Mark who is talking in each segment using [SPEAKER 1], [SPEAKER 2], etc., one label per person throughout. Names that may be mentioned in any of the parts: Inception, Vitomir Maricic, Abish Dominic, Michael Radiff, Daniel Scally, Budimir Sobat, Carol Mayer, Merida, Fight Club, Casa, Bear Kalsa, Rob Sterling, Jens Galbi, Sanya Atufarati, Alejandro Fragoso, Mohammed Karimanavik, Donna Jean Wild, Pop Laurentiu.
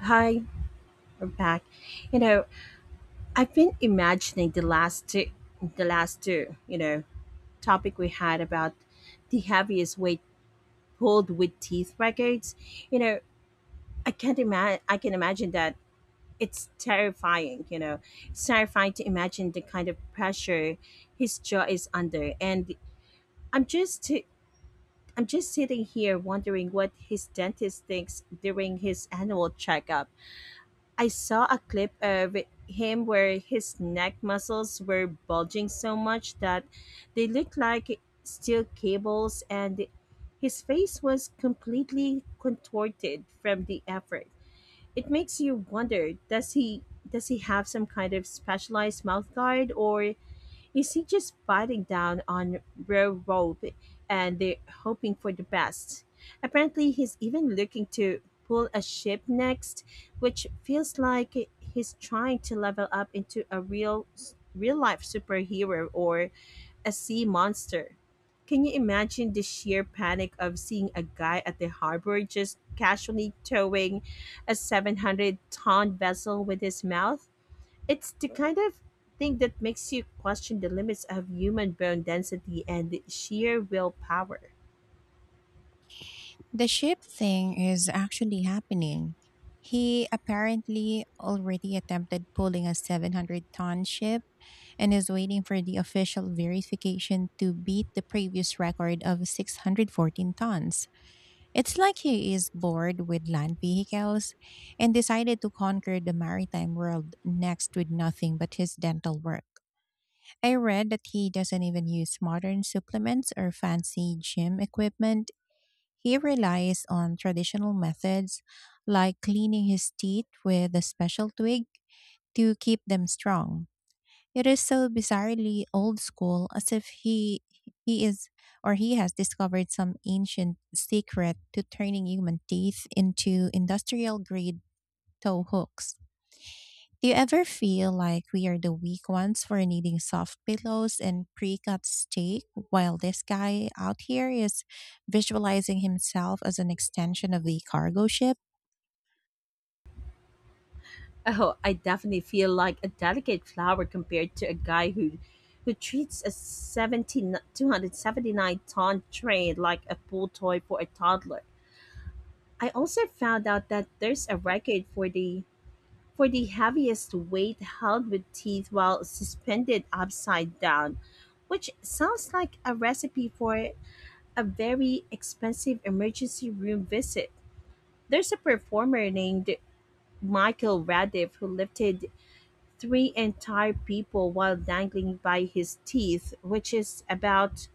[SPEAKER 1] Hi, we're back. You know, I've been imagining the last two, topic we had about the heaviest weight pulled with teeth records. You know, I can't imagine. I can imagine that it's terrifying. You know, it's terrifying to imagine the kind of pressure his jaw is under, and I'm just. I'm just sitting here wondering what his dentist thinks during his annual checkup. I saw a clip of him where his neck muscles were bulging so much that they looked like steel cables, and his face was completely contorted from the effort. It makes you wonder: does he have some kind of specialized mouth guard, or is he just biting down on Railroad and they're hoping for the best? Apparently, he's even looking to pull a ship next, which feels like he's trying to level up into a real life superhero or a sea monster. Can you imagine the sheer panic of seeing a guy at the harbor just casually towing a 700-ton vessel with his mouth? It's the kind of thing that makes you question the limits of human bone density and sheer willpower.
[SPEAKER 2] The ship thing is actually happening. He apparently already attempted pulling a 700-ton ship and is waiting for the official verification to beat the previous record of 614 tons. It's like he is bored with land vehicles and decided to conquer the maritime world next with nothing but his dental work. I read that he doesn't even use modern supplements or fancy gym equipment. He relies on traditional methods like cleaning his teeth with a special twig to keep them strong. It is so bizarrely old school, as if he he is or he has discovered some ancient secret to turning human teeth into industrial grade toe hooks. Do you ever feel like we are the weak ones for needing soft pillows and pre cut steak while this guy out here is visualizing himself as an extension of the cargo ship?
[SPEAKER 1] Oh, I definitely feel like a delicate flower compared to a guy who treats a 17 279 ton train like a pool toy for a toddler. I also found out that there's a record for the heaviest weight held with teeth while suspended upside down, which sounds like a recipe for a very expensive emergency room visit. There's a performer named Michael Radiff who lifted three entire people while dangling by his teeth, which is about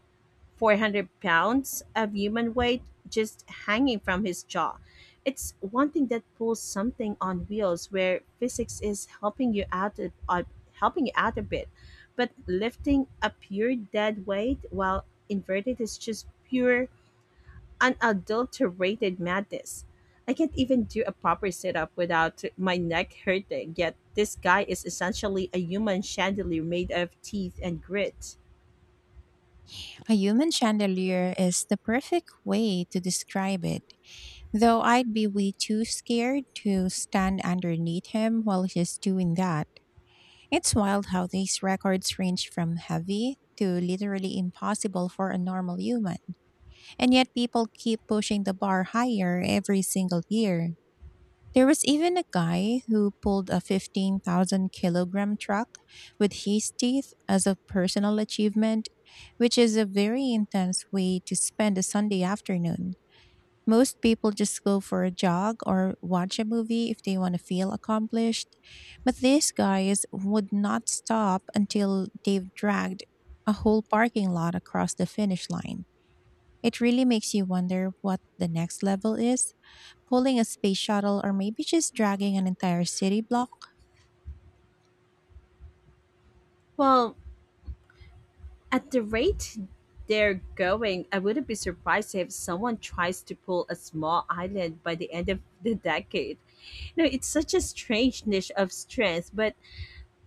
[SPEAKER 1] 400 pounds of human weight just hanging from his jaw. It's one thing that pulls something on wheels where physics is helping you out a bit, but lifting a pure dead weight while inverted is just pure unadulterated madness. I can't even do a proper sit up without my neck hurting, yet this guy is essentially a human chandelier made of teeth and grit.
[SPEAKER 2] A human chandelier is the perfect way to describe it, though I'd be way too scared to stand underneath him while he's doing that. It's wild how these records range from heavy to literally impossible for a normal human. And yet people keep pushing the bar higher every single year. There was even a guy who pulled a 15,000 kilogram truck with his teeth as a personal achievement, which is a very intense way to spend a Sunday afternoon. Most people just go for a jog or watch a movie if they want to feel accomplished. But these guys would not stop until they've dragged a whole parking lot across the finish line. It really makes you wonder what the next level is: pulling a space shuttle, or maybe just dragging an entire city block.
[SPEAKER 1] Well, at the rate they're going, I wouldn't be surprised if someone tries to pull a small island by the end of the decade. You know, it's such a strange niche of strength, but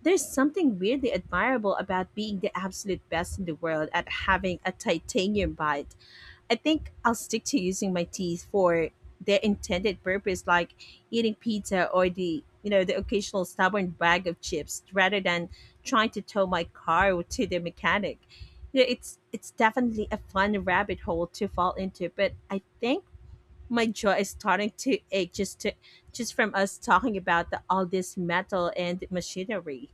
[SPEAKER 1] there's something weirdly admirable about being the absolute best in the world at having a titanium bite. I think I'll stick to using my teeth for their intended purpose, like eating pizza or the you know the occasional stubborn bag of chips, rather than trying to tow my car to the mechanic. You know, it's definitely a fun rabbit hole to fall into, but I think my jaw is starting to ache just from us talking about all this metal and machinery.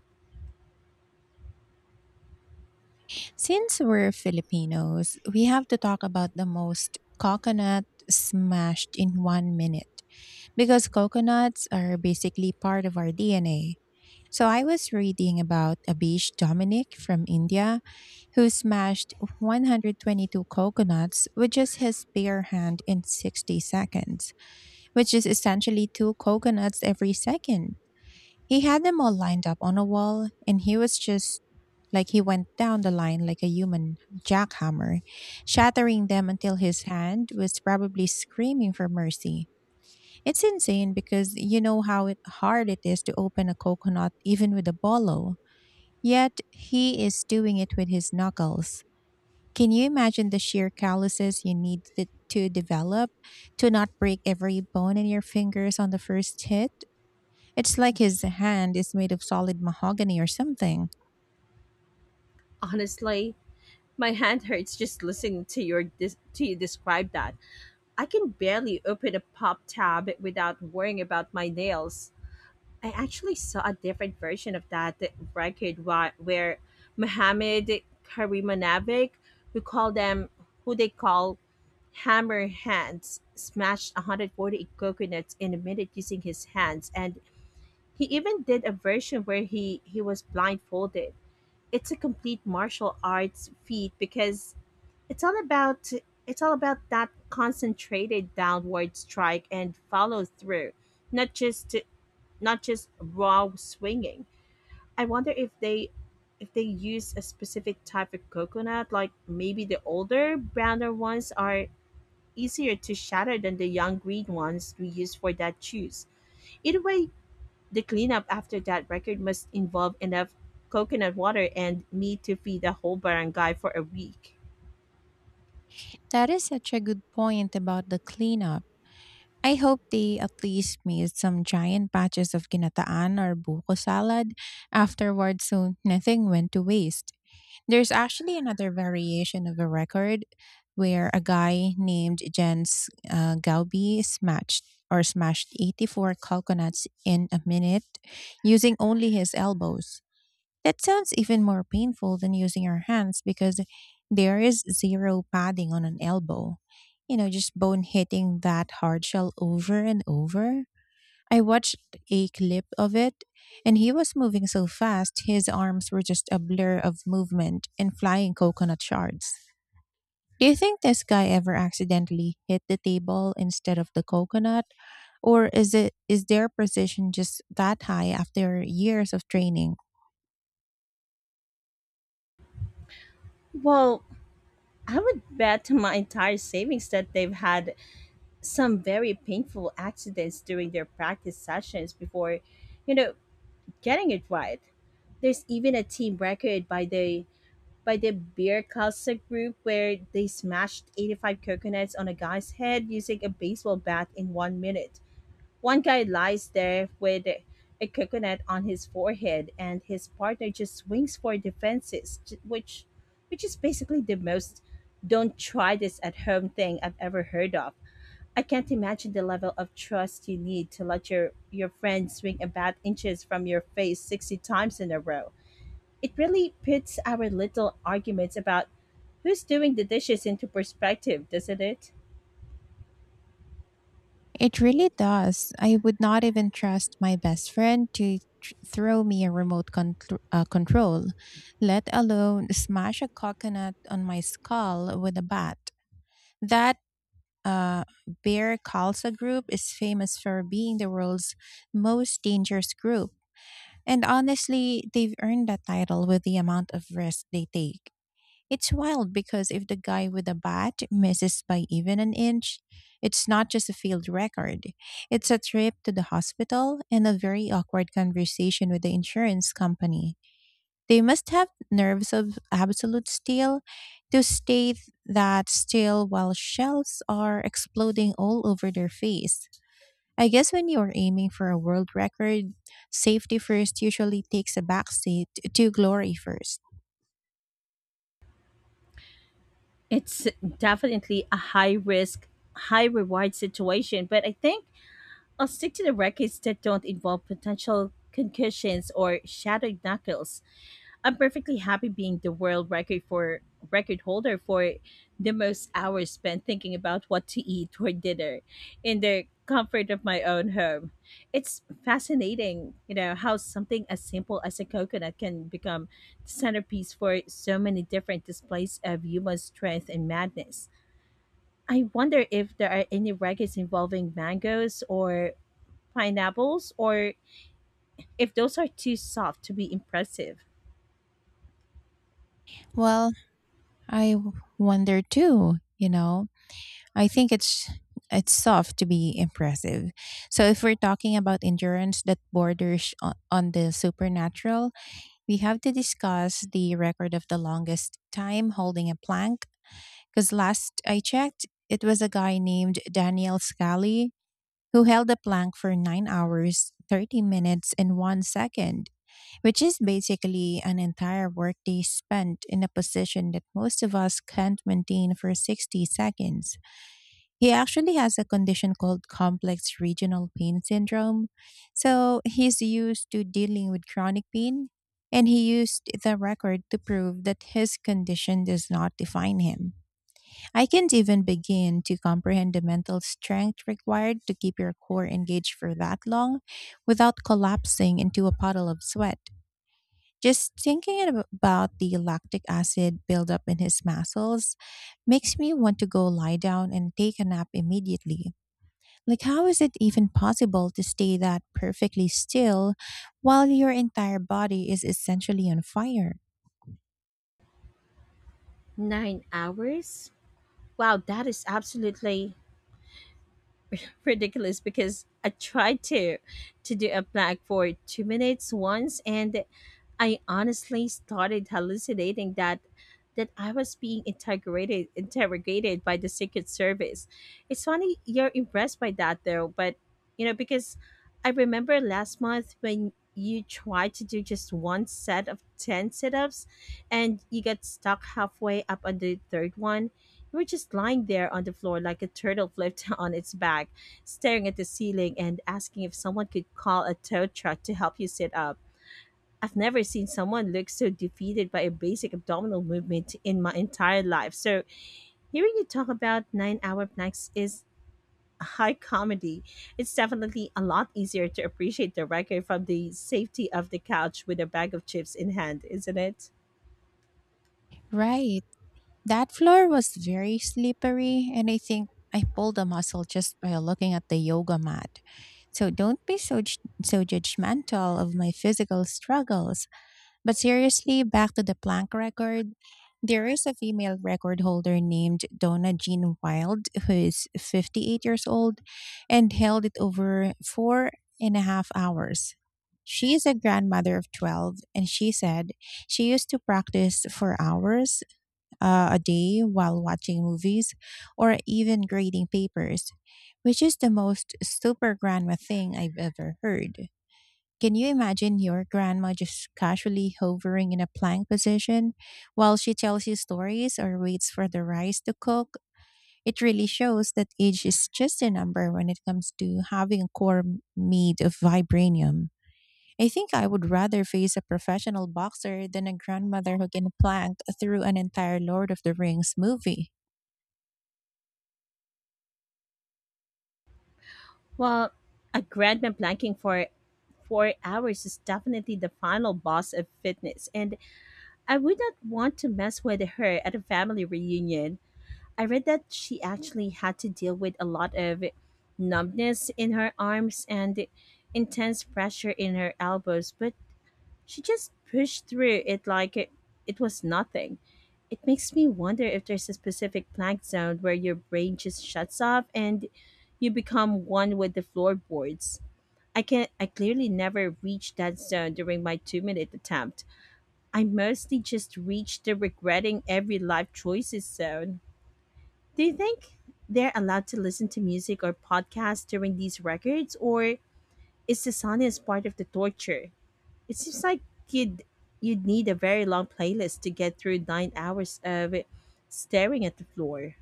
[SPEAKER 2] Since we're Filipinos, we have to talk about the most coconut smashed in 1 minute, because coconuts are basically part of our DNA. So I was reading about Abish Dominic from India, who smashed 122 coconuts with just his bare hand in 60 seconds, which is essentially two coconuts every second. He had them all lined up on a wall, and he was just like, he went down the line like a human jackhammer, shattering them until his hand was probably screaming for mercy. It's insane, because you know how hard it is to open a coconut even with a bolo. Yet he is doing it with his knuckles. Can you imagine the sheer calluses you need to develop to not break every bone in your fingers on the first hit? It's like his hand is made of solid mahogany or something.
[SPEAKER 1] Honestly, my hand hurts just listening to you describe that. I can barely open a pop tab without worrying about my nails. I actually saw a different version of that record where Mohammed Karimanavik, who call them who they call hammer hands, smashed 140 coconuts in a minute using his hands, and he even did a version where he was blindfolded. It's a complete martial arts feat because it's all about it's all about that concentrated downward strike and follow through, not just not just raw swinging. I wonder if they use a specific type of coconut, like maybe the older browner ones are easier to shatter than the young green ones we use for that juice. Either way, the cleanup after that record must involve enough coconut water and meat to feed the whole barangay for a week.
[SPEAKER 2] That is such a good point about the cleanup. I hope they at least made some giant batches of ginataan or buko salad afterward, so nothing went to waste. There's actually another variation of a record where a guy named Jens Galbi smashed 84 coconuts in a minute using only his elbows. That sounds even more painful than using your hands, because there is zero padding on an elbow. You know, just bone hitting that hard shell over and over. I watched a clip of it, and he was moving so fast, his arms were just a blur of movement and flying coconut shards. Do you think this guy ever accidentally hit the table instead of the coconut, or is it, is their precision just that high after years of training?
[SPEAKER 1] Well, I would bet my entire savings that they've had some very painful accidents during their practice sessions before, you know, getting it right. There's even a team record by the beer Casa group where they smashed 85 coconuts on a guy's head using a baseball bat in 1 minute. One guy lies there with a coconut on his forehead, and his partner just swings for defenses, which is basically the most "don't try this at home" thing I've ever heard of. I can't imagine the level of trust you need to let your friend swing about inches from your face 60 times in a row. It really puts our little arguments about who's doing the dishes into perspective, doesn't it?
[SPEAKER 2] It really does. I would not even trust my best friend to throw me a remote control, let alone smash a coconut on my skull with a bat. That uh, Bear Kalsa group is famous for being the world's most dangerous group. And honestly, they've earned that title with the amount of risk they take. It's wild, because if the guy with a bat misses by even an inch, it's not just a field record. It's a trip to the hospital and a very awkward conversation with the insurance company. They must have nerves of absolute steel to stay that still while shells are exploding all over their face. I guess when you are aiming for a world record, safety first usually takes a backseat to glory first.
[SPEAKER 1] It's definitely a high risk, high reward situation, but I think I'll stick to the records that don't involve potential concussions or shattered knuckles. I'm perfectly happy being the world record for record holder for the most hours spent thinking about what to eat for dinner in the comfort of my own home. It's fascinating, how something as simple as a coconut can become the centerpiece for so many different displays of human strength and madness. I wonder if there are any records involving mangoes or pineapples or if those are too soft to be impressive.
[SPEAKER 2] Well, I wonder too, you know. I think it's soft to be impressive. So if we're talking about endurance that borders on the supernatural, we have to discuss the record of the longest time holding a plank, because last I checked, it was a guy named Daniel Scally who held a plank for 9 hours, 30 minutes, and 1 second, which is basically an entire workday spent in a position that most of us can't maintain for 60 seconds. He actually has a condition called complex regional pain syndrome, so he's used to dealing with chronic pain, and he used the record to prove that his condition does not define him. I can't even begin to comprehend the mental strength required to keep your core engaged for that long without collapsing into a puddle of sweat. Just thinking about the lactic acid buildup in his muscles makes me want to go lie down and take a nap immediately. Like, how is it even possible to stay that perfectly still while your entire body is essentially on fire?
[SPEAKER 1] 9 hours? Wow, that is absolutely ridiculous because I tried to do a plank for 2 minutes once, and I honestly started hallucinating that I was being interrogated by the Secret Service. It's funny you're impressed by that though, but you know, because I remember last month when you tried to do just one set of 10 sit-ups and you got stuck halfway up on the third one. You were just lying there on the floor like a turtle flipped on its back, staring at the ceiling and asking if someone could call a tow truck to help you sit up. I've never seen someone look so defeated by a basic abdominal movement in my entire life. So, hearing you talk about 9 hour planks is high comedy. It's definitely a lot easier to appreciate the record from the safety of the couch with a bag of chips in hand, isn't it?
[SPEAKER 2] Right. That floor was very slippery, and I think I pulled a muscle just by looking at the yoga mat. So don't be so judgmental of my physical struggles. But seriously, back to the Planck record, there is a female record holder named Donna Jean Wild, who is 58 years old and held it over 4.5 hours. She is a grandmother of 12, and she said she used to practice for hours a day while watching movies or even grading papers, which is the most super grandma thing I've ever heard. Can you imagine your grandma just casually hovering in a plank position while she tells you stories or waits for the rice to cook? It really shows that age is just a number when it comes to having a core made of vibranium. I think I would rather face a professional boxer than a grandmother who can plank through an entire Lord of the Rings movie.
[SPEAKER 1] Well, a grandma planking for 4 hours is definitely the final boss of fitness. And I would not want to mess with her at a family reunion. I read that she actually had to deal with a lot of numbness in her arms and intense pressure in her elbows, but she just pushed through it like it was nothing. It makes me wonder if there's a specific plank zone where your brain just shuts off and you become one with the floorboards. I clearly never reached that zone during my 2-minute attempt. I mostly just reach the regretting every life choices zone. Do you think they're allowed to listen to music or podcasts during these records, or is the silence part of the torture? It seems like you'd you'd need a very long playlist to get through 9 hours of staring at the floor.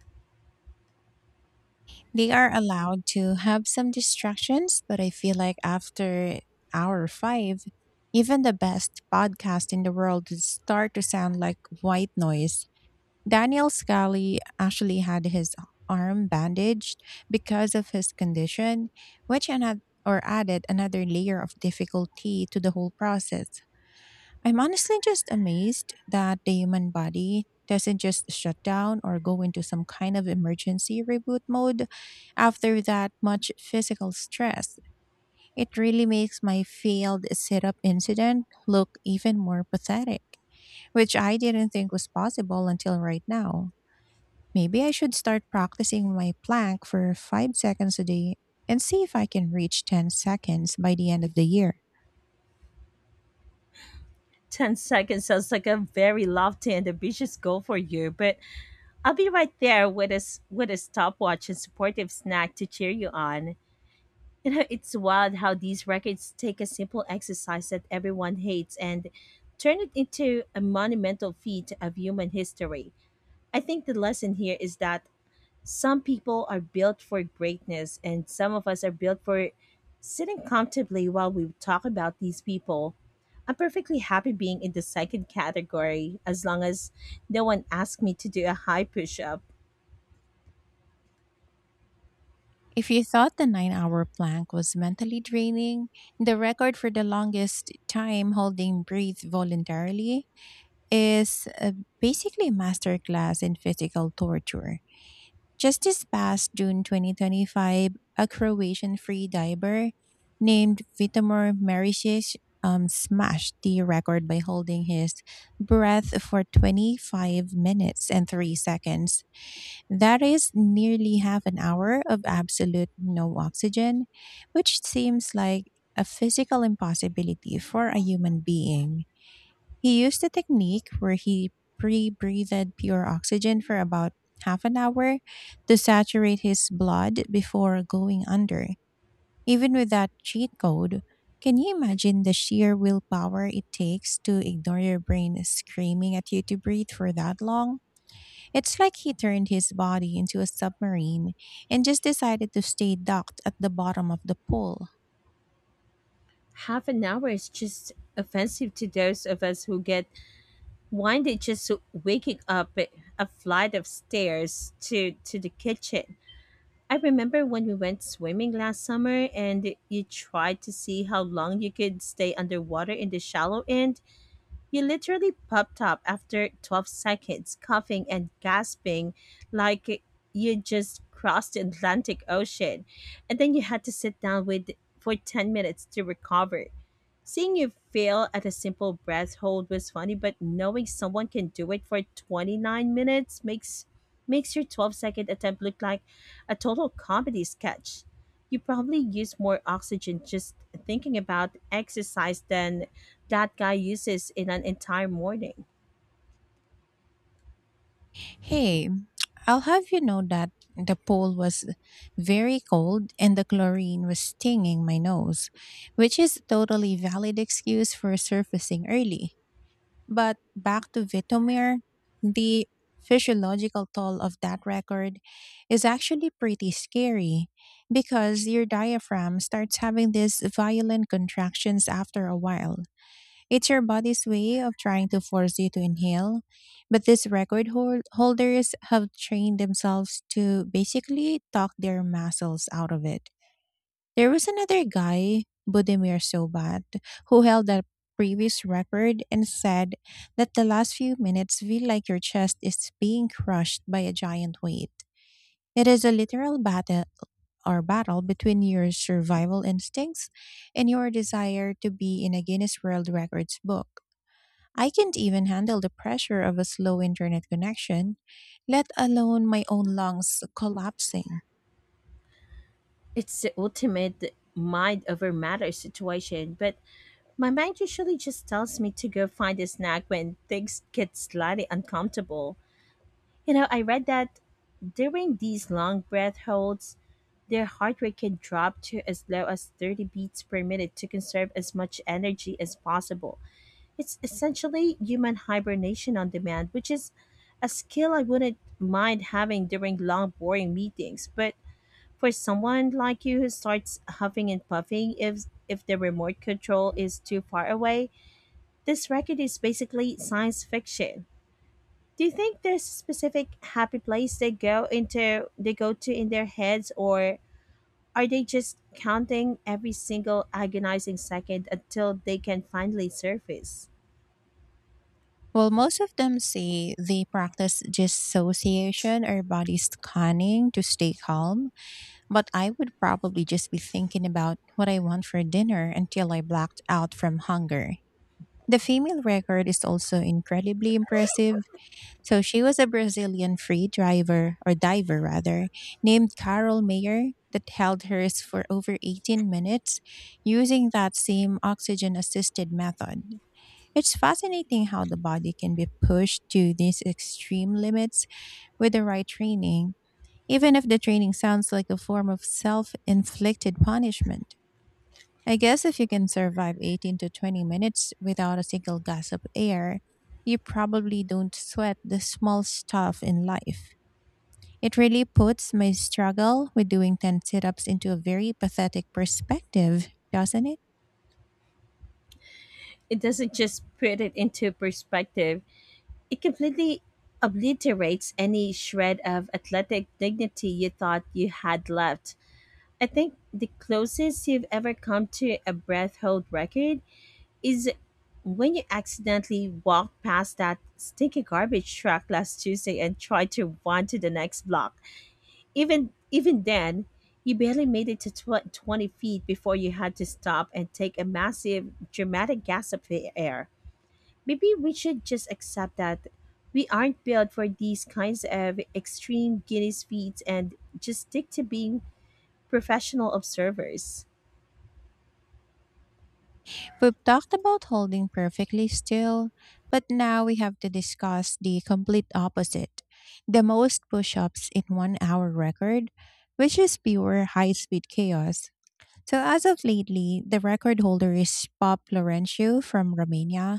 [SPEAKER 2] They are allowed to have some distractions, but I feel like after hour five, even the best podcast in the world would start to sound like white noise. Daniel Scally actually had his arm bandaged because of his condition, which another or added another layer of difficulty to the whole process. I'm honestly just amazed that the human body doesn't just shut down or go into some kind of emergency reboot mode after that much physical stress. It really makes my failed sit up incident look even more pathetic, which I didn't think was possible until right now. Maybe I should start practicing my plank for 5 seconds a day and see if I can reach 10 seconds by the end of the year.
[SPEAKER 1] 10 seconds sounds like a very lofty and ambitious goal for you, but I'll be right there with with a stopwatch and supportive snack to cheer you on. You know, it's wild how these records take a simple exercise that everyone hates and turn it into a monumental feat of human history. I think the lesson here is that some people are built for greatness and some of us are built for sitting comfortably while we talk about these people. I'm perfectly happy being in the second category as long as no one asks me to do a high push up.
[SPEAKER 2] If you thought the 9-hour plank was mentally draining, the record for the longest time holding breath voluntarily is basically a masterclass in physical torture. Just this past June 2025, a Croatian free diver named Vitomir Maricic smashed the record by holding his breath for 25 minutes and 3 seconds. That is nearly half an hour of absolute no oxygen, which seems like a physical impossibility for a human being. He used a technique where he pre breathed pure oxygen for about half an hour to saturate his blood before going under. Even with that cheat code, can you imagine the sheer willpower it takes to ignore your brain screaming at you to breathe for that long? It's like he turned his body into a submarine and just decided to stay docked at the bottom of the pool.
[SPEAKER 1] Half an hour is just offensive to those of us who get One day just waking up at a flight of stairs to the kitchen. I remember when we went swimming last summer and you tried to see how long you could stay underwater in the shallow end. You literally popped up after 12 seconds, coughing and gasping like you just crossed the Atlantic Ocean. And then you had to sit down with for 10 minutes to recover. Seeing you fail at a simple breath hold was funny, but knowing someone can do it for 29 minutes makes your 12-second attempt look like a total comedy sketch. You probably use more oxygen just thinking about exercise than that guy uses in an entire morning.
[SPEAKER 2] Hey, I'll have you know that the pool was very cold and the chlorine was stinging my nose, which is a totally valid excuse for surfacing early. But back to Vitomir, the physiological toll of that record is actually pretty scary, because your diaphragm starts having these violent contractions after a while. It's your body's way of trying to force you to inhale, but these record holders have trained themselves to basically talk their muscles out of it. There was another guy, Budimir Sobat, who held a previous record and said that the last few minutes feel like your chest is being crushed by a giant weight. It is a literal battle between your survival instincts and your desire to be in a Guinness World Records book. I can't even handle the pressure of a slow internet connection, let alone my own lungs collapsing.
[SPEAKER 1] It's the ultimate mind over matter situation, but my mind usually just tells me to go find a snack when things get slightly uncomfortable. You know, I read that during these long breath holds, their heart rate can drop to as low as 30 beats per minute to conserve as much energy as possible. It's essentially human hibernation on demand, which is a skill I wouldn't mind having during long, boring meetings. But for someone like you who starts huffing and puffing if the remote control is too far away, this record is basically science fiction. Do you think there's a specific happy place they go to in their heads, or are they just counting every single agonizing second until they can finally surface?
[SPEAKER 2] Well, most of them say they practice dissociation or body scanning to stay calm, but I would probably just be thinking about what I want for dinner until I blacked out from hunger. The female record is also incredibly impressive. So she was a Brazilian free driver, or diver rather, named Carol Mayer that held hers for over 18 minutes using that same oxygen assisted method. It's fascinating how the body can be pushed to these extreme limits with the right training, even if the training sounds like a form of self inflicted punishment. I guess if you can survive 18 to 20 minutes without a single gasp of air, you probably don't sweat the small stuff in life. It really puts my struggle with doing 10 sit ups into a very pathetic perspective, doesn't it?
[SPEAKER 1] It doesn't just put it into perspective. It completely obliterates any shred of athletic dignity you thought you had left. I think the closest you've ever come to a breath hold record is when you accidentally walked past that stinky garbage truck last Tuesday and tried to run to the next block. Even then, you barely made it to 20 feet before you had to stop and take a massive, dramatic gasp of the air. Maybe we should just accept that we aren't built for these kinds of extreme Guinness feats and just stick to being professional observers.
[SPEAKER 2] We've talked about holding perfectly still, but now we have to discuss the complete opposite, the most push ups in one hour record, which is pure high speed chaos. So, as of lately, the record holder is Pop Laurentiu from Romania,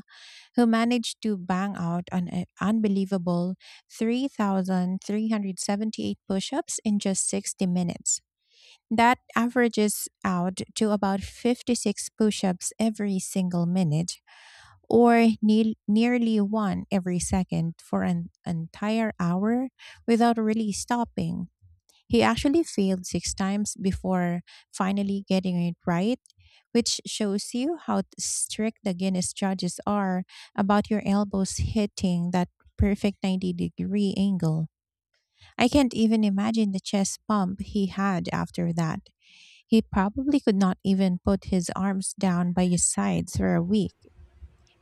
[SPEAKER 2] who managed to bang out an unbelievable 3,378 push ups in just 60 minutes. That averages out to about 56 push ups every single minute, or nearly one every second for an entire hour without really stopping. He actually failed six times before finally getting it right, which shows you how strict the Guinness judges are about your elbows hitting that perfect 90-degree angle. I can't even imagine the chest pump he had after that. He probably could not even put his arms down by his sides for a week.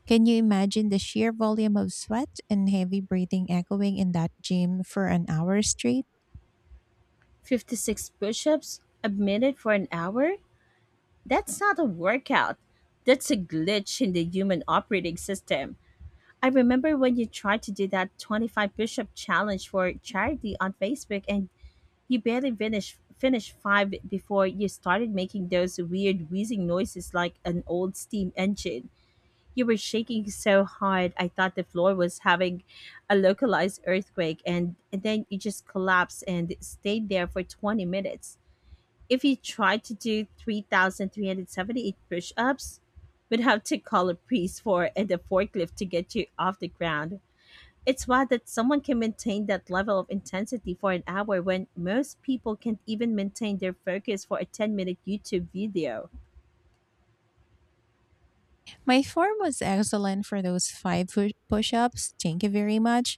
[SPEAKER 2] Can you imagine the sheer volume of sweat and heavy breathing echoing in that gym for an hour straight?
[SPEAKER 1] 56 push ups a minute for an hour? That's not a workout. That's a glitch in the human operating system. I remember when you tried to do that 25 push up challenge for charity on Facebook, and you barely finished 5 before you started making those weird wheezing noises like an old steam engine. You were shaking so hard I thought the floor was having a localized earthquake, and then you just collapsed and stayed there for 20 minutes. If you tried to do 3,378 push ups, would have to call a priest for and a forklift to get you off the ground. It's wild that someone can maintain that level of intensity for an hour when most people can't even maintain their focus for a 10-minute YouTube video.
[SPEAKER 2] My form was excellent for those five push ups, thank you very much.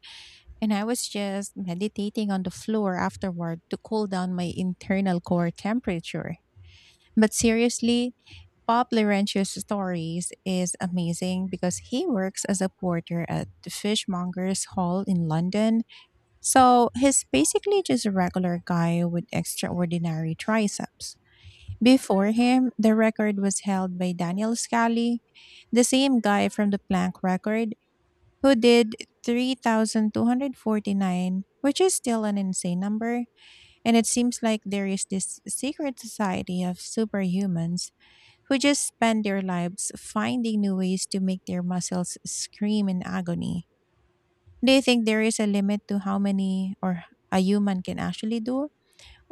[SPEAKER 2] And I was just meditating on the floor afterward to cool down my internal core temperature. But seriously, Bob Laurentius' stories is amazing because he works as a porter at the Fishmongers Hall in London. So he's basically just a regular guy with extraordinary triceps. Before him, the record was held by Daniel Scally, the same guy from the plank record, who did 3,249, which is still an insane number. And it seems like there is this secret society of superhumans who just spend their lives finding new ways to make their muscles scream in agony. Do you think there is a limit to how many or a human can actually do?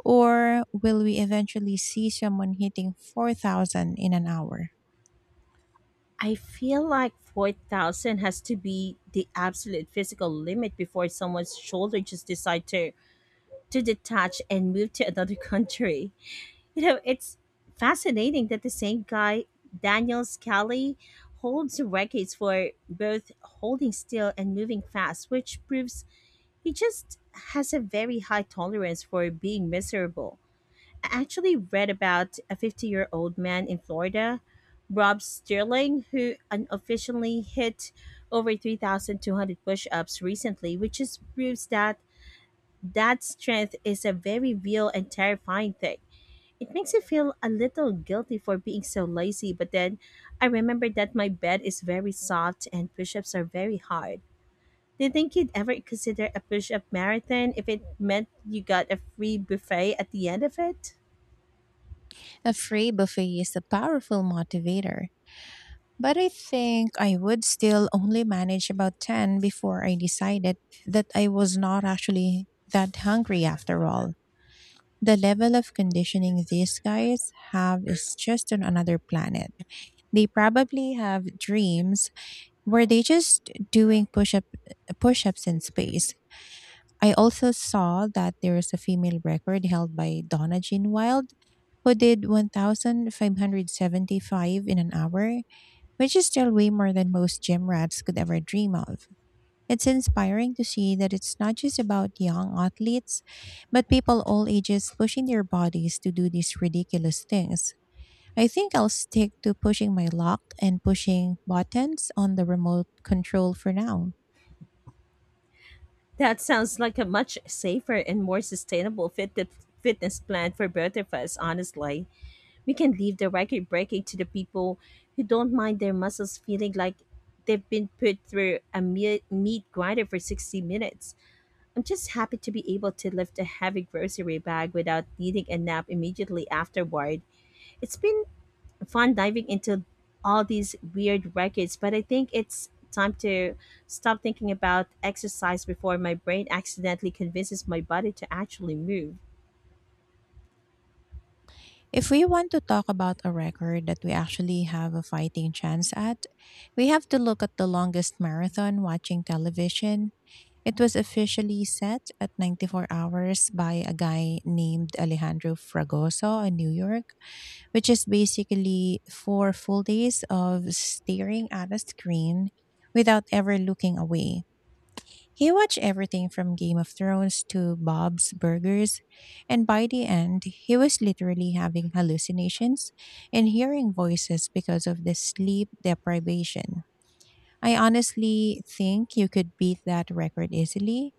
[SPEAKER 2] Or will we eventually see someone hitting 4,000 in an hour?
[SPEAKER 1] I feel like 4,000 has to be the absolute physical limit before someone's shoulder just decide to detach and move to another country. You know, it's fascinating that the same guy, Daniel Scally, holds records for both holding still and moving fast, which proves he just has a very high tolerance for being miserable. I actually read about a 50-year-old man in Florida, Rob Sterling, who unofficially hit over 3,200 push ups recently, which just proves that strength is a very real and terrifying thing. It makes me feel a little guilty for being so lazy, but then I remember that my bed is very soft and push ups are very hard. Do you think you'd ever consider a push up marathon if it meant you got a free buffet at the end of it?
[SPEAKER 2] A free buffet is a powerful motivator, but I think I would still only manage about 10 before I decided that I was not actually that hungry after all. The level of conditioning these guys have is just on another planet. They probably have dreams where they just doing push ups in space. I also saw that there is a female record held by Donna Jean Wild, who did 1,575 in an hour, which is still way more than most gym rats could ever dream of. It's inspiring to see that it's not just about young athletes, but people all ages pushing their bodies to do these ridiculous things. I think I'll stick to pushing my luck and pushing buttons on the remote control for now.
[SPEAKER 1] That sounds like a much safer and more sustainable fitness plan for both of us, honestly. We can leave the record breaking to the people who don't mind their muscles feeling like they've been put through a meat grinder for 60 minutes. I'm just happy to be able to lift a heavy grocery bag without needing a nap immediately afterward. It's been fun diving into all these weird records, but I think it's time to stop thinking about exercise before my brain accidentally convinces my body to actually move.
[SPEAKER 2] If we want to talk about a record that we actually have a fighting chance at, we have to look at the longest marathon watching television. It was officially set at 94 hours by a guy named Alejandro Fragoso in New York, which is basically four full days of staring at a screen without ever looking away. He watched everything from Game of Thrones to Bob's Burgers, and by the end, he was literally having hallucinations and hearing voices because of the sleep deprivation. I honestly think you could beat that record easily,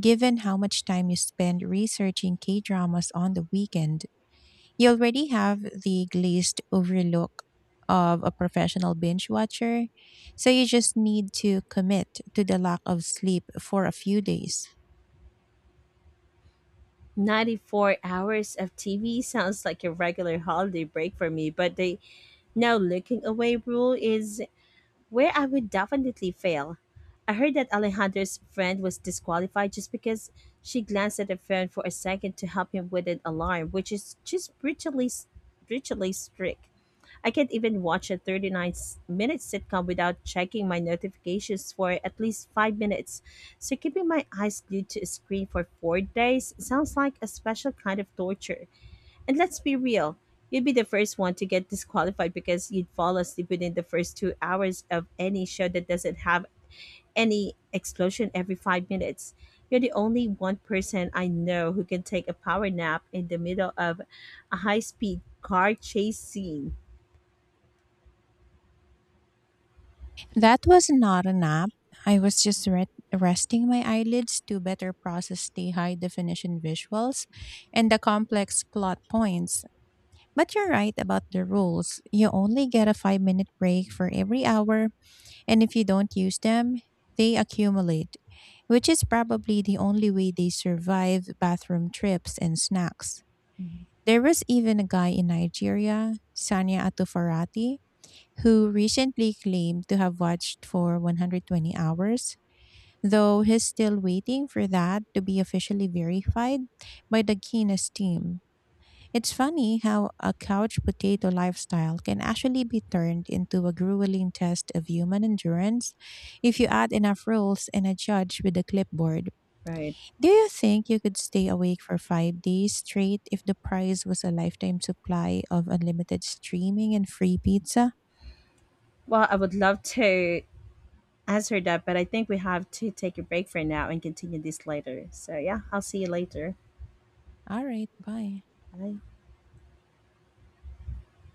[SPEAKER 2] given how much time you spend researching K dramas on the weekend. You already have the glazed overlook of a professional binge watcher, so you just need to commit to the lack of sleep for a few days.
[SPEAKER 1] 94 hours of TV sounds like a regular holiday break for me, but the "no looking away" rule is where I would definitely fail. I heard that Alejandro's friend was disqualified just because she glanced at her friend for a second to help him with an alarm, which is just brutally strict. I can't even watch a 39-minute sitcom without checking my notifications for at least 5 minutes. So, keeping my eyes glued to a screen for 4 days sounds like a special kind of torture. And let's be real, you'd be the first one to get disqualified because you'd fall asleep within the first 2 hours of any show that doesn't have any explosion every 5 minutes. You're the only one person I know who can take a power nap in the middle of a high speed car chase scene.
[SPEAKER 2] That was not a nap. I was just resting my eyelids to better process the high definition visuals and the complex plot points. But you're right about the rules. You only get a five-minute break for every hour. And if you don't use them, they accumulate, which is probably the only way they survive bathroom trips and snacks. There was even a guy in Nigeria, Sanya Atufarati, who recently claimed to have watched for 120 hours, though he's still waiting for that to be officially verified by the Guinness team. It's funny how a couch potato lifestyle can actually be turned into a grueling test of human endurance if you add enough rules and a judge with a clipboard.
[SPEAKER 1] Right.
[SPEAKER 2] Do you think you could stay awake for five days straight if the prize was a lifetime supply of unlimited streaming and free pizza?
[SPEAKER 1] Well, I would love to answer that, but I think we have to take a break for now and continue this later. So, yeah, I'll see you later.
[SPEAKER 2] All right, bye.
[SPEAKER 1] Bye.